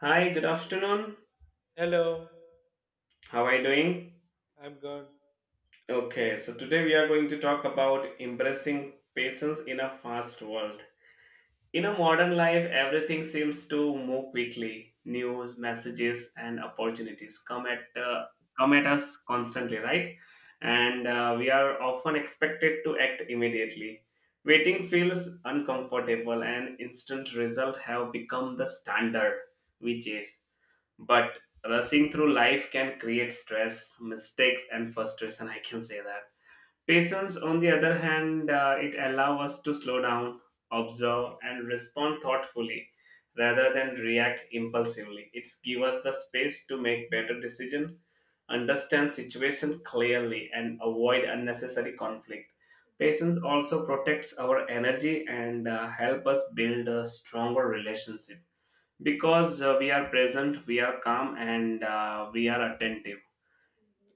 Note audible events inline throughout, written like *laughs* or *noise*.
Hi, good afternoon. Hello, How are you doing? I'm good. Okay, so today we are going to talk about impressing patients in a fast world. In a modern life, everything seems to move quickly. News, messages, and opportunities come at us constantly, right? And we are often expected to act immediately. Waiting feels uncomfortable, and instant results have become the standard we chase, but rushing through life can create stress, mistakes, and frustration, I can say that. Patience, on the other hand, it allows us to slow down, observe, and respond thoughtfully rather than react impulsively. It's give us the space to make better decisions, understand situation clearly, and avoid unnecessary conflict. Patience also protects our energy and help us build a stronger relationship, because we are present, we are calm, and we are attentive.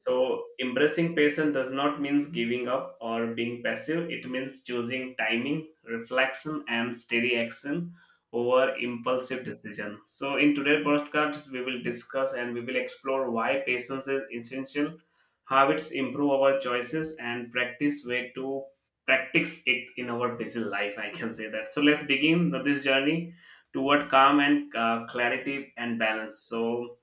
So, embracing patience does not mean giving up or being passive. It means choosing timing, reflection, and steady action over impulsive decision. So, in today's podcast, we will discuss and we will explore why patience is essential, how it's improve our choices, and practice way to practice it in our busy life. I can say that. So, let's begin this journey toward calm and clarity and balance. So,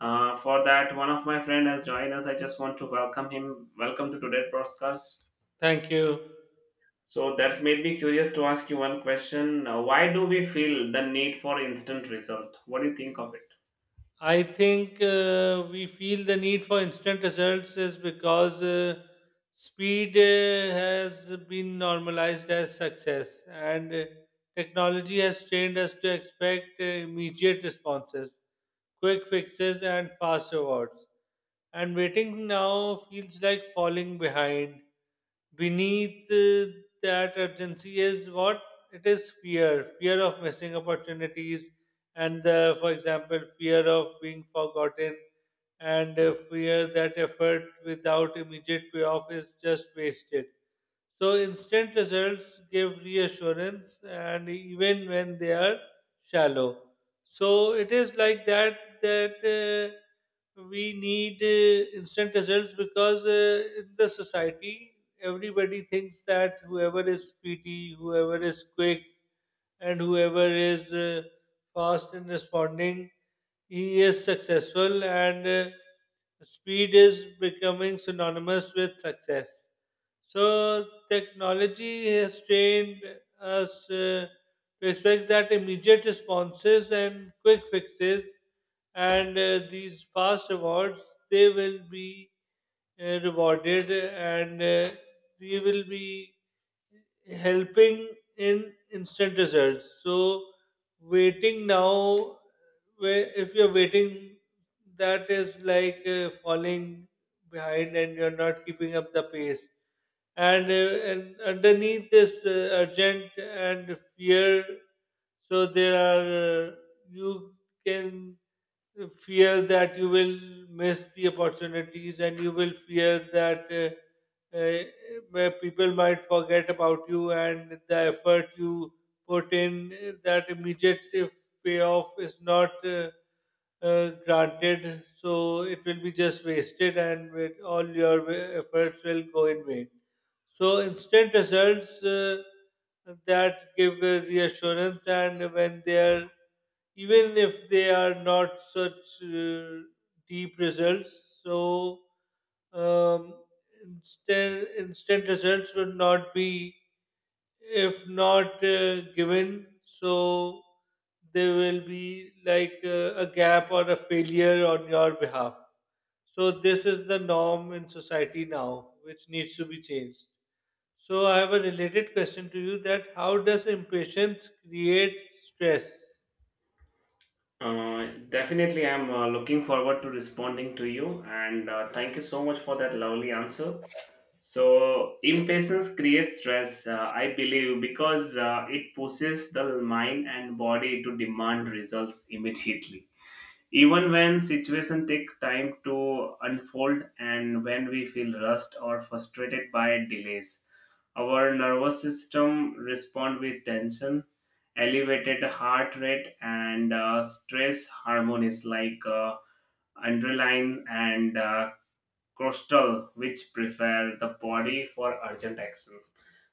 for that, one of my friend has joined us. I just want to welcome him. Welcome to today's podcast. Thank you. So that's made me curious to ask you one question. Why do we feel the need for instant result? What do you think of it? I think we feel the need for instant results is because speed has been normalized as success, and technology has trained us to expect immediate responses, quick fixes, and fast rewards. And waiting now feels like falling behind. Beneath that urgency is what it is fear, fear of missing opportunities, and the, for example, fear of being forgotten and fear that effort without immediate payoff is just wasted. So instant results give reassurance and even when they are shallow. So it is like that we need instant results because in the society everybody thinks that whoever is speedy, whoever is quick, and whoever is fast in responding, he is successful, and speed is becoming synonymous with success. So technology has trained us to expect that immediate responses and quick fixes, and these fast rewards they will be rewarded, and they will be helping in instant results. So waiting now, where if you're waiting, that is like falling behind and you're not keeping up the pace. And underneath this urgent and fear, so there are you can fear that you will miss the opportunities and you will fear that. Uh, where people might forget about you and the effort you put in, that immediate payoff is not granted. So it will be just wasted and with all your efforts will go in vain. So instant results that give a reassurance, and when they are, even if they are not such deep results, so um, instant results would not be, if not given, so there will be like a gap or a failure on your behalf. So this is the norm in society now, which needs to be changed. So I have a related question to you that how does impatience create stress? Definitely, I'm looking forward to responding to you, and thank you so much for that lovely answer. So, impatience creates stress, I believe, because it pushes the mind and body to demand results immediately, even when situations take time to unfold. And when we feel rushed or frustrated by delays, our nervous system respond with tension, elevated heart rate, and stress hormones like adrenaline and cortisol, which prepare the body for urgent action.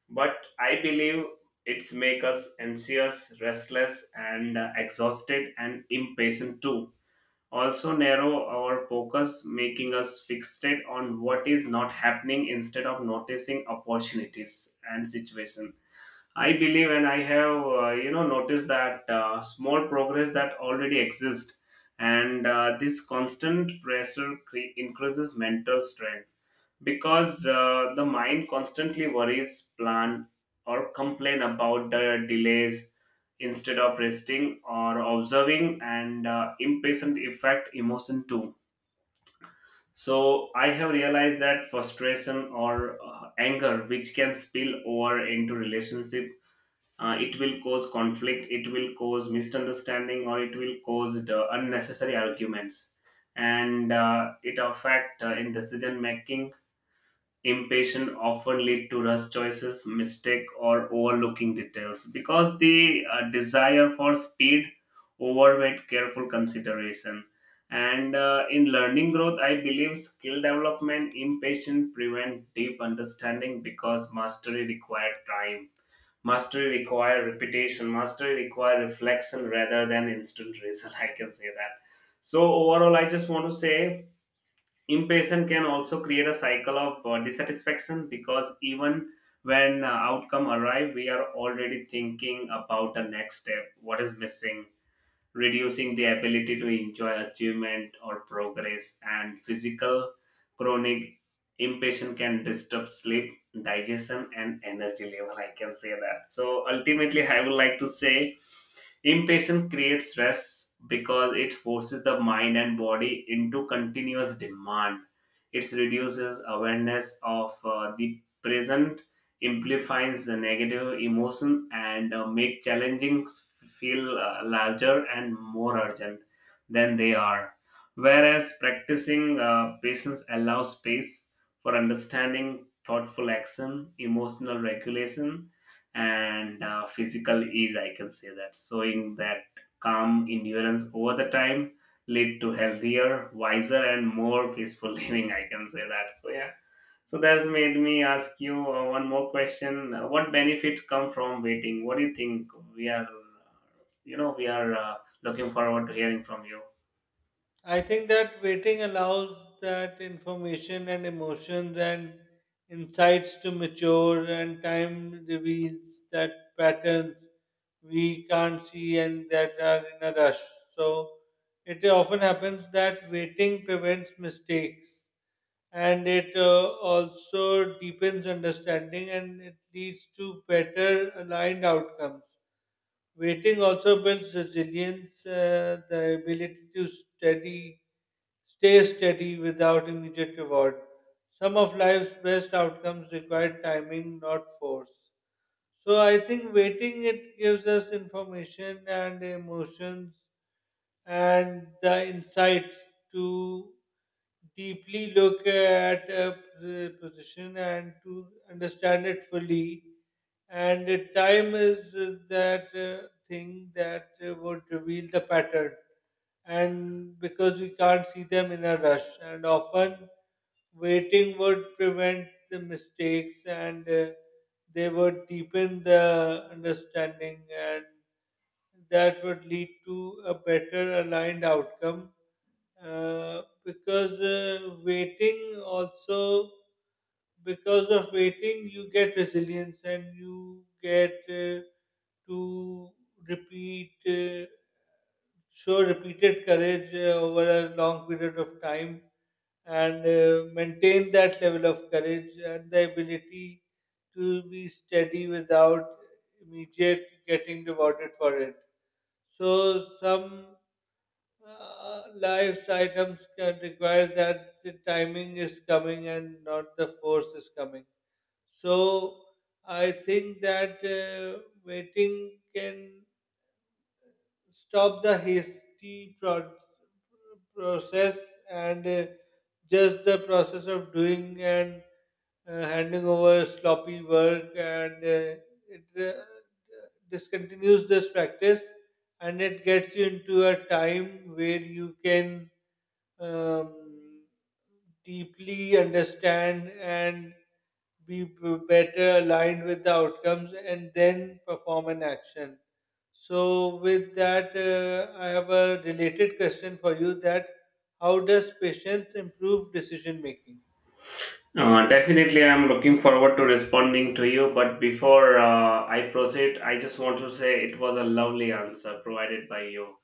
But I believe it's make us anxious, restless, and exhausted, and impatient too also narrow our focus, making us fixated on what is not happening instead of noticing opportunities and situation. I believe, and I have, noticed that small progress that already exists, and this constant pressure increases mental strain, because the mind constantly worries, plan, or complain about the delays instead of resting or observing. And impatient affect emotion too. So I have realized that frustration or anger, which can spill over into relationship, it will cause conflict, it will cause misunderstanding, or it will cause the unnecessary arguments, and it affect in decision making. Impatience often lead to rush choices, mistake, or overlooking details, because the desire for speed overweight careful consideration. And in learning growth, I believe skill development, impatience prevent deep understanding because mastery require time. Mastery require repetition. Mastery require reflection rather than instant result. *laughs* I can say that. So overall, I just want to say impatience can also create a cycle of dissatisfaction, because even when outcome arrive, we are already thinking about the next step, what is missing, reducing the ability to enjoy achievement or progress. And physical, chronic impatience can disturb sleep, digestion, and energy level, I can say that. So ultimately, I would like to say impatience creates stress because it forces the mind and body into continuous demand. It reduces awareness of the present, amplifies the negative emotion, and make challenging feel larger and more urgent than they are. Whereas practicing patience allows space for understanding, thoughtful action, emotional regulation, and physical ease, I can say that, showing that calm endurance over the time lead to healthier, wiser, and more peaceful *laughs* living, I can say that. So yeah, so that's made me ask you one more question. What benefits come from waiting? What do you think? We are you know we are uh, looking forward to hearing from you. I think that waiting allows that information and emotions and insights to mature, and time reveals that patterns we can't see and that are in a rush. So it often happens that waiting prevents mistakes and it also deepens understanding and it leads to better aligned outcomes. Waiting also builds resilience, the ability to steady, stay steady without immediate reward. Some of life's best outcomes require timing, not force. So I think waiting it gives us information and emotions and the insight to deeply look at a position and to understand it fully. And time is that thing that would reveal the pattern and because we can't see them in a rush and often waiting would prevent the mistakes and they would deepen the understanding and that would lead to a better aligned outcome because waiting also, because of waiting you get resilience and you get to repeat show repeated courage over a long period of time and maintain that level of courage and the ability to be steady without immediate getting rewarded for it. So some life items can require that the timing is coming and not the force is coming. So I think that waiting can stop the hasty process and just the process of doing and handing over sloppy work and it uh, discontinues this practice and it gets you into a time where you can um, deeply understand and be better aligned with the outcomes and then perform an action. So, with that, I have a related question for you: that how does patience improve decision making? Definitely, I'm looking forward to responding to you. But before I proceed, I just want to say it was a lovely answer provided by you.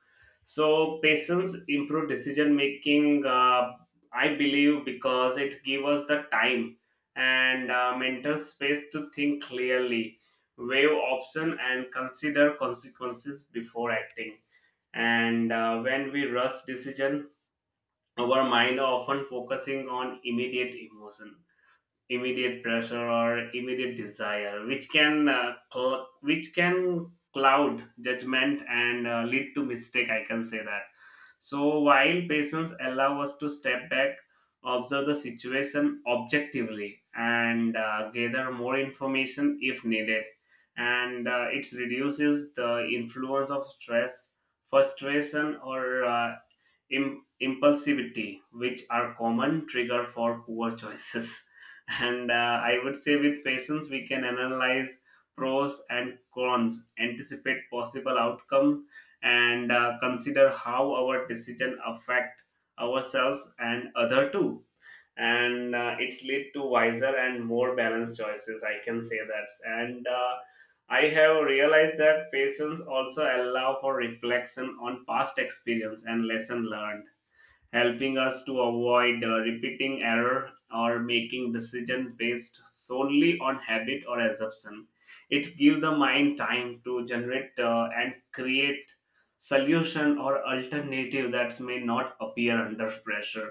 So, patience improve decision making. I believe because it gives us the time and mental space to think clearly, weigh option, and consider consequences before acting. And when we rush decision, our mind often focusing on immediate emotion, immediate pressure, or immediate desire, which can which can cloud judgment and lead to mistake, I can say that. So while patients allow us to step back, observe the situation objectively, and gather more information if needed. And it reduces the influence of stress, frustration, or impulsivity, which are common trigger for poor *laughs* choices. And I would say with patience we can analyze pros and cons, anticipate possible outcomes, and consider how our decision affect ourselves and other too. And it's lead to wiser and more balanced choices, I can say that. And I have realized that patience also allow for reflection on past experience and lesson learned, helping us to avoid repeating error or making decision based solely on habit or assumption. It gives the mind time to generate and create solution or alternative that may not appear under pressure.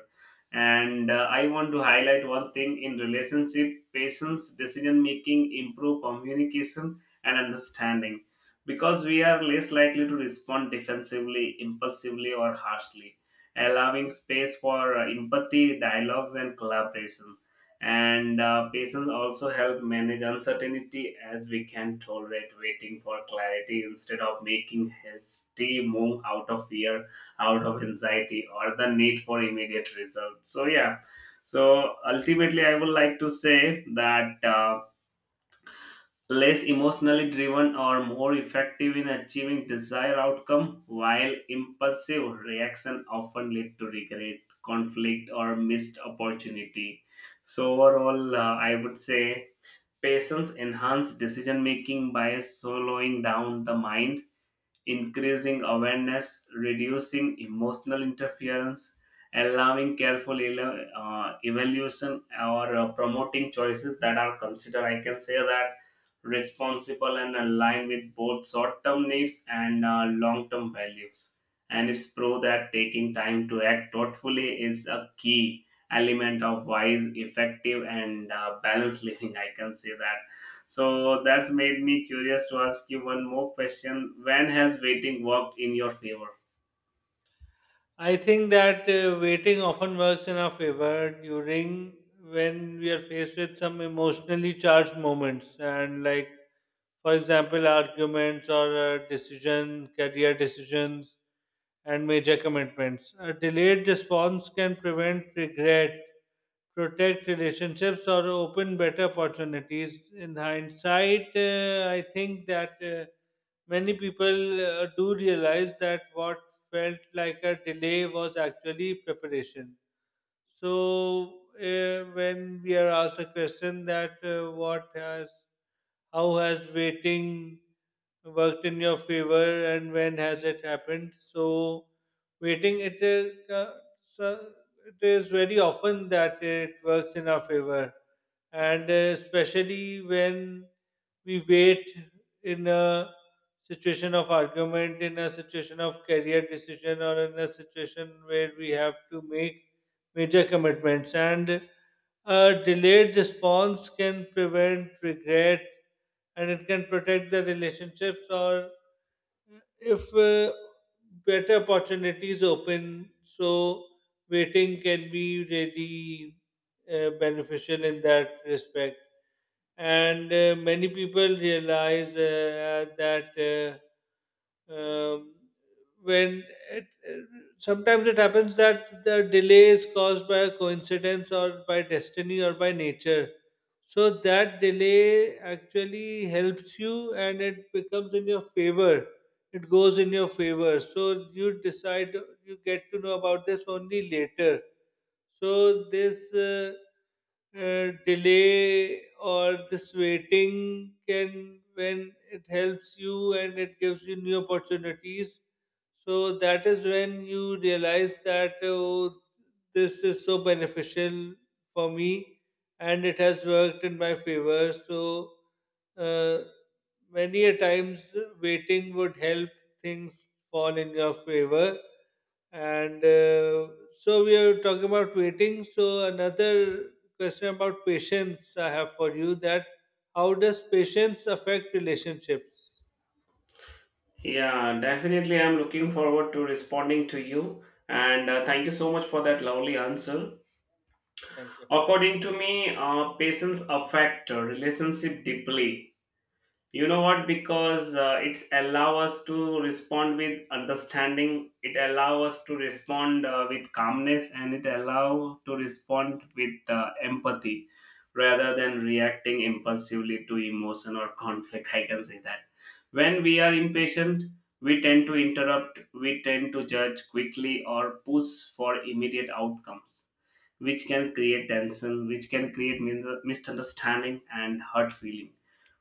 And I want to highlight one thing: in relationship, patience decision making improve communication and understanding, because we are less likely to respond defensively, impulsively, or harshly, allowing space for empathy, dialogues, and collaboration. And patience also help manage uncertainty, as we can tolerate waiting for clarity instead of making hasty move out of fear, out of anxiety, or the need for immediate results. So yeah, so ultimately, I would like to say that. Less emotionally driven or more effective in achieving desired outcome, while impulsive reaction often lead to regret, conflict, or missed opportunity. So overall, I would say patience enhance decision making by slowing down the mind, increasing awareness, reducing emotional interference, allowing careful evaluation, or promoting choices that are considered, I can say that, responsible, and aligned with both short-term needs and long-term values. And it's proved that taking time to act thoughtfully is a key element of wise, effective, and balanced living, I can say that. So that's made me curious to ask you one more question. When has waiting worked in your favor? I think that waiting often works in our favor during when we are faced with some emotionally charged moments and like for example arguments or decision career decisions and major commitments. A delayed response can prevent regret, protect relationships, or open better opportunities. In hindsight, I think that many people do realize that what felt like a delay was actually preparation. So, when we are asked a question that what has, how has waiting worked in your favor and when has it happened? So, waiting, it is, so it is very often that it works in our favor. And especially when we wait in a situation of argument, in a situation of career decision, or in a situation where we have to make major commitments, and a delayed response can prevent regret and it can protect the relationships or if better opportunities open. So waiting can be really beneficial in that respect and many people realize that uh, um, when it, it- sometimes it happens that the delay is caused by a coincidence or by destiny or by nature. So that delay actually helps you and it becomes in your favor, it goes in your favor. So you decide, you get to know about this only later. So this delay or this waiting can, when it helps you and it gives you new opportunities, so that is when you realize that, oh, this is so beneficial for me and it has worked in my favor. So uh, many a times waiting would help things fall in your favor and so we are talking about waiting. So another question about patience I have for you: that how does patience affect relationships? Yeah, definitely. I'm looking forward to responding to you. And thank you so much for that lovely answer. Thank you. According to me, patience affect relationship deeply. You know what? Because it's allow us to respond with understanding. It allow us to respond with calmness, and it allow to respond with empathy rather than reacting impulsively to emotion or conflict. *laughs* I can say that. When we are impatient, we tend to interrupt, we tend to judge quickly, or push for immediate outcomes, which can create tension, which can create misunderstanding and hurt feeling,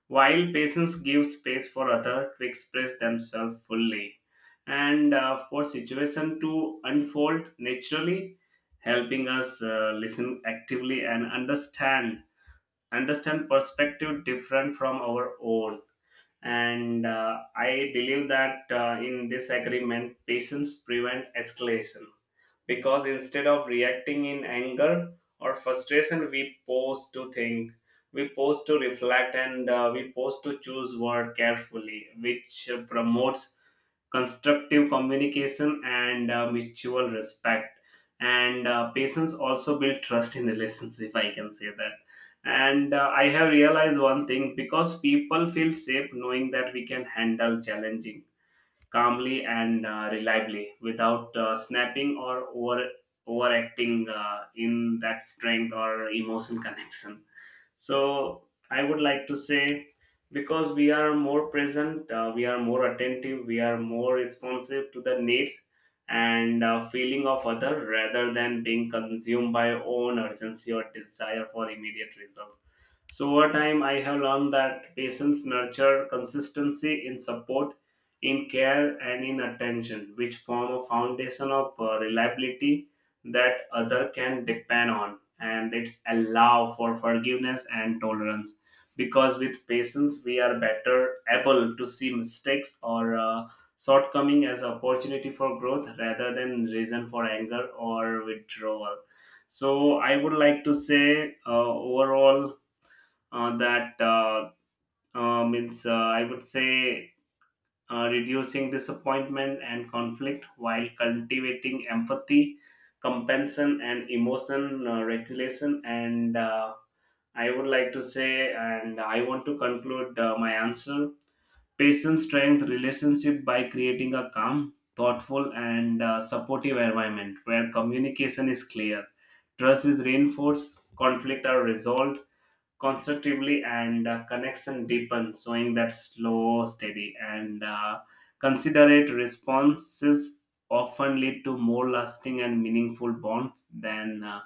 while patients give space for others to express themselves fully and for situation to unfold naturally, helping us listen actively and understand perspective different from our own. And I believe that in this agreement, patience prevent escalation, because instead of reacting in anger or frustration, we pause to think, we pause to reflect, and we pause to choose word carefully, which promotes constructive communication and mutual respect. And patience also build trust in relationship, I can say that. And I have realized one thing, because people feel safe knowing that we can handle challenging calmly and reliably without snapping or overacting in that strength or emotion connection. So I would like to say because we are more present, we are more attentive, we are more responsive to the needs and feeling of other rather than being consumed by own urgency or desire for immediate results. So over time, I have learned that patients nurture consistency in support, in care, and in attention, which form a foundation of reliability that other can depend on, and it's allow for forgiveness and tolerance. Because with patients, we are better able to see mistakes or shortcoming as opportunity for growth rather than reason for anger or withdrawal. So I would like to say overall that means I would say reducing disappointment and conflict while cultivating empathy, compassion, and emotion regulation. And I would like to say, and I want to conclude my answer: patient strength relationship by creating a calm. Thoughtful and supportive environment where communication is clear, trust is reinforced, conflict are resolved, constructively and connection deepen, showing that slow, steady, and considerate responses often lead to more lasting and meaningful bonds than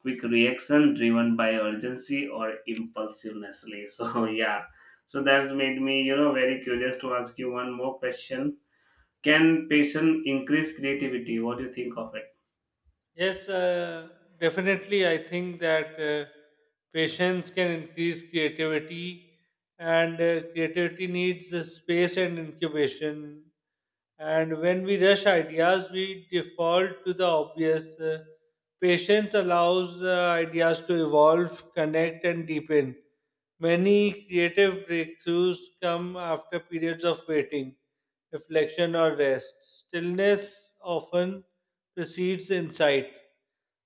quick reaction driven by urgency or impulsiveness. *laughs* So yeah, so that's made me very curious to ask you one more question. Can passion increase creativity? What do you think of it? Yes, definitely. I think that patience can increase creativity, and creativity needs a space and incubation. And when we rush ideas, we default to the obvious. Patience allows ideas to evolve, connect, and deepen. Many creative breakthroughs come after periods of waiting, reflection, or rest. Stillness often precedes insight.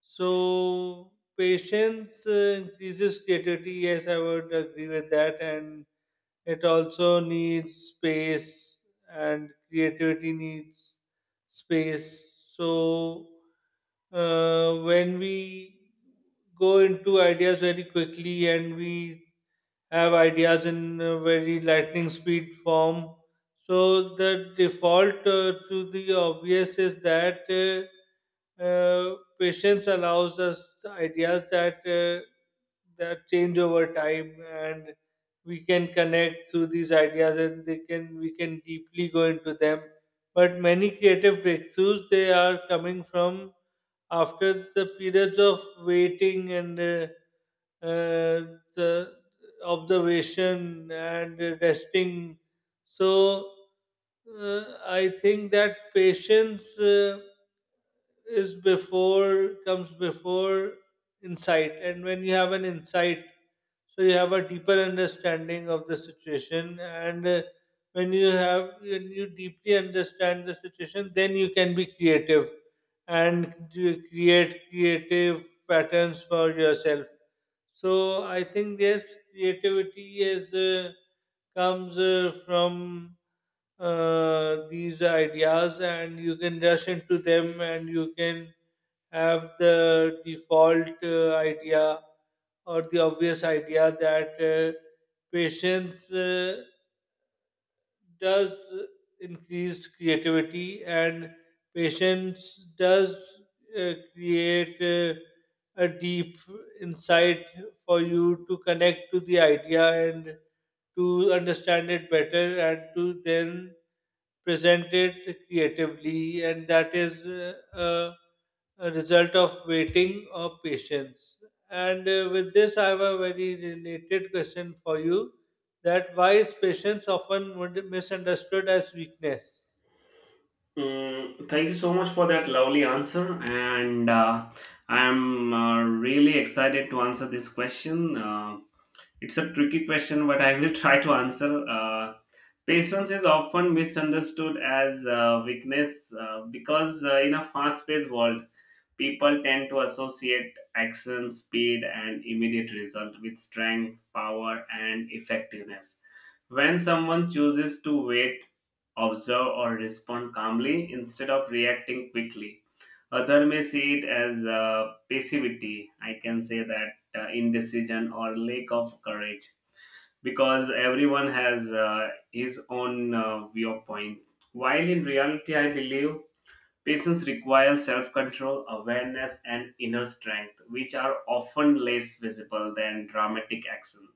So patience increases creativity. Yes, I would agree with that, and it also needs space, and creativity needs space. So when we go into ideas very quickly and we have ideas in a very lightning speed form. So the default to the obvious is that patience allows us ideas that that change over time, and we can connect through these ideas, and they can, we can deeply go into them. But many creative breakthroughs they are coming from after the periods of waiting and the observation and resting. So I think that patience is before, comes before insight. And when you have an insight, so you have a deeper understanding of the situation and when you have, when you deeply understand the situation, then you can be creative and you create creative patterns for yourself. So I think yes, creativity is comes from these ideas, and you can rush into them, and you can have the default idea or the obvious idea that patience does increase creativity and patience does create a deep insight for you to connect to the idea and to understand it better and to then present it creatively, and that is a result of waiting or patience. And with this, I have a very related question for you: that why is patience often misunderstood as weakness? Mm, thank you so much for that lovely answer, and I am really excited to answer this question. It's a tricky question, but I will *laughs* try to answer. Patience is often misunderstood as weakness because in a fast paced world, people tend to associate action, speed, and immediate result with strength, power, and effectiveness. When someone chooses to wait, observe, or respond calmly instead of reacting quickly, other may see it as passivity. I can say that indecision or lack of courage because everyone has his own viewpoint. While in reality, I believe patience requires self control, awareness, and inner strength, which are often less visible than dramatic action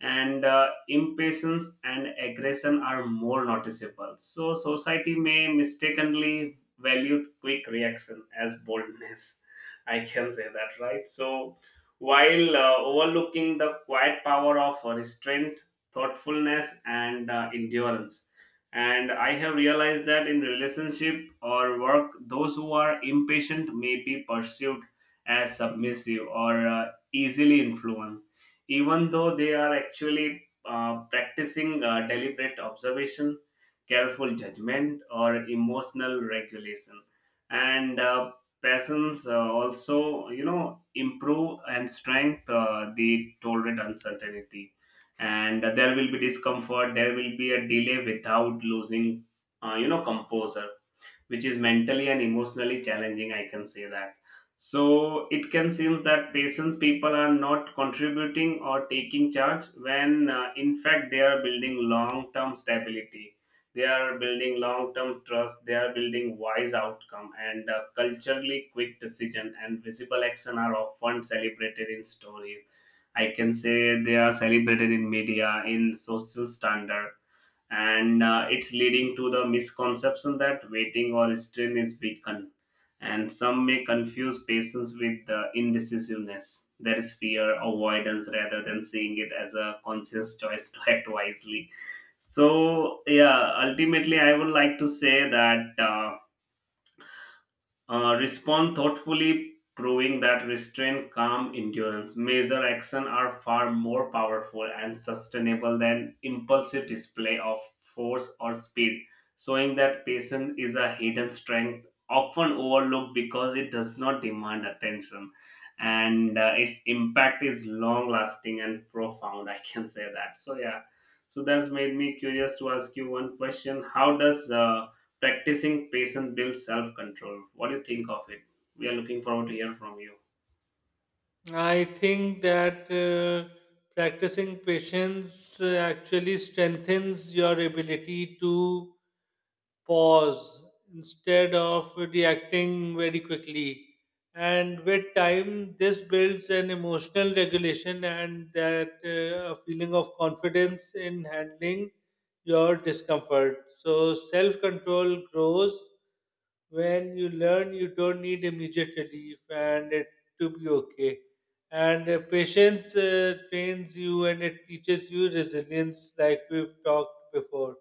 and impatience and aggression are more noticeable. So, society may mistakenly value quick reaction as boldness. *laughs* I can say that, right? So, while overlooking the quiet power of restraint, thoughtfulness, and endurance. And I have realized that in relationship or work, those who are impatient may be perceived as submissive or easily influenced even though they are actually practicing deliberate observation, careful judgment, or emotional regulation. And persons also, improve and strengthen the tolerant uncertainty. And there will be discomfort, there will be a delay without losing, composure which is mentally and emotionally challenging. I can say that. So it can seem that patients people are not contributing or taking charge when in fact they are building long term stability. They are building long term trust. They are building wise outcome, and culturally quick decision and visible action are often celebrated in stories. I can say they are celebrated in media, in social standard, and it's leading to the misconception that waiting or strain is weakened. And some may confuse patience with indecisiveness. There is fear avoidance rather than seeing it as a conscious choice to act wisely. So yeah, ultimately I would like to say that respond thoughtfully, proving that restraint, calm, endurance, measure action are far more powerful and sustainable than impulsive display of force or speed, showing that patience is a hidden strength often overlooked because it does not demand attention, and its impact is long lasting and profound. I can say that. So yeah, so that's made me curious to ask you one question. How does practicing patience builds self control? What do you think of it? We are looking forward to hear from you. I think that practicing patience actually strengthens your ability to pause instead of reacting very quickly. And with time, this builds an emotional regulation and that a feeling of confidence in handling your discomfort. So self control grows when you learn you don't need immediate relief and it to be okay and patience trains you and it teaches you resilience like we've talked before.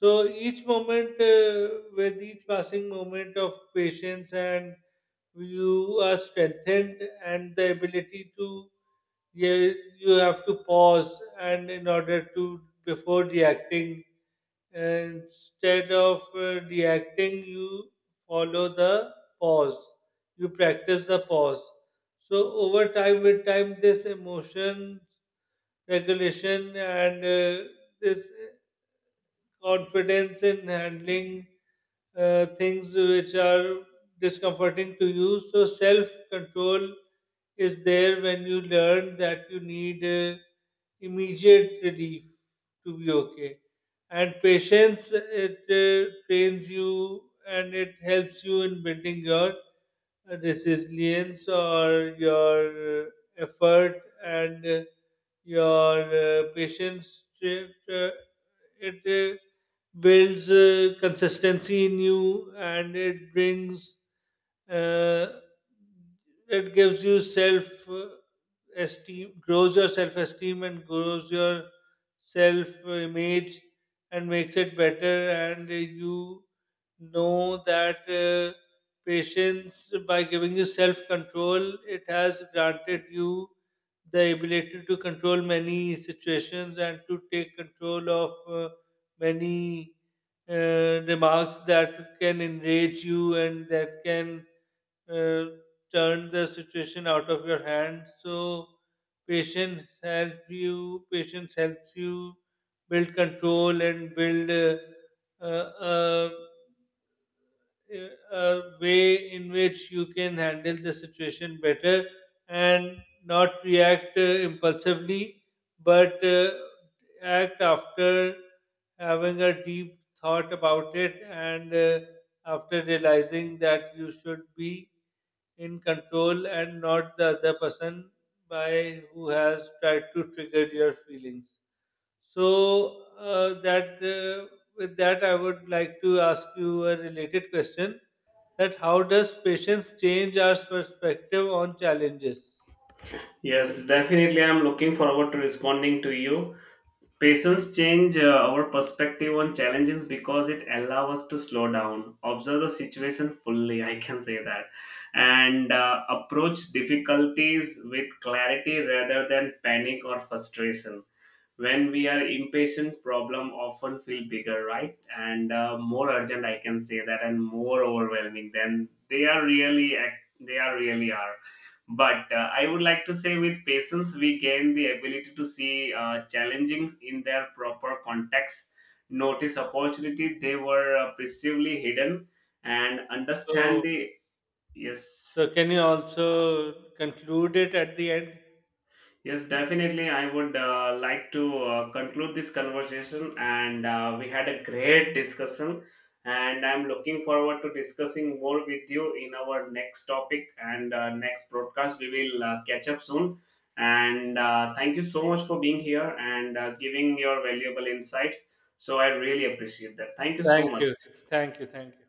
So each moment with each passing moment of patience and you are strengthened and the ability to, yeah, you have to pause and in order to before reacting, instead of reacting you follow the pause, you practice the pause. So over time, with time, this emotion regulation and this confidence in handling things which are discomforting to you. So, self control is there when you learn that you need immediate relief to be okay. And patience, it trains you and it helps you in building your resilience or your effort and your patience. It builds consistency in you and it brings uh, it gives you self esteem, grows your self esteem and grows your self image and makes it better and you know that patience, by giving you self control, it has granted you the ability to control many situations and to take control of many remarks that can enrage you and that can uh, turn the situation out of your hand. So patience help you. Patience helps you build control and build uh, uh, uh, uh, a way in which you can handle the situation better and not react impulsively, but act after having a deep thought about it and after realizing that you should be in control and not the other person by who has tried to trigger your feelings. So that with that, I would like to ask you a related question: that how does patience change our perspective on challenges? Yes, definitely. I'm looking forward to responding to you. Patience change our perspective on challenges because it allows us to slow down, observe the situation fully. I can say that, and approach difficulties with clarity rather than panic or frustration when we are impatient. Problem often feel bigger, right, and more urgent, I can say that, and more overwhelming than they are really they are really are. But I would like to say with patience we gain the ability to see challenging in their proper context, notice opportunity they were perceivably hidden, and understand So, the yes. so can you also conclude it at the end? Yes, definitely. I would like to conclude this conversation, and we had a great discussion. And I'm looking forward to discussing more with you in our next topic and next broadcast. We will catch up soon. And thank you so much for being here and giving your valuable insights. So I really appreciate that. Thank you so Thank you, much. thank you, thank you.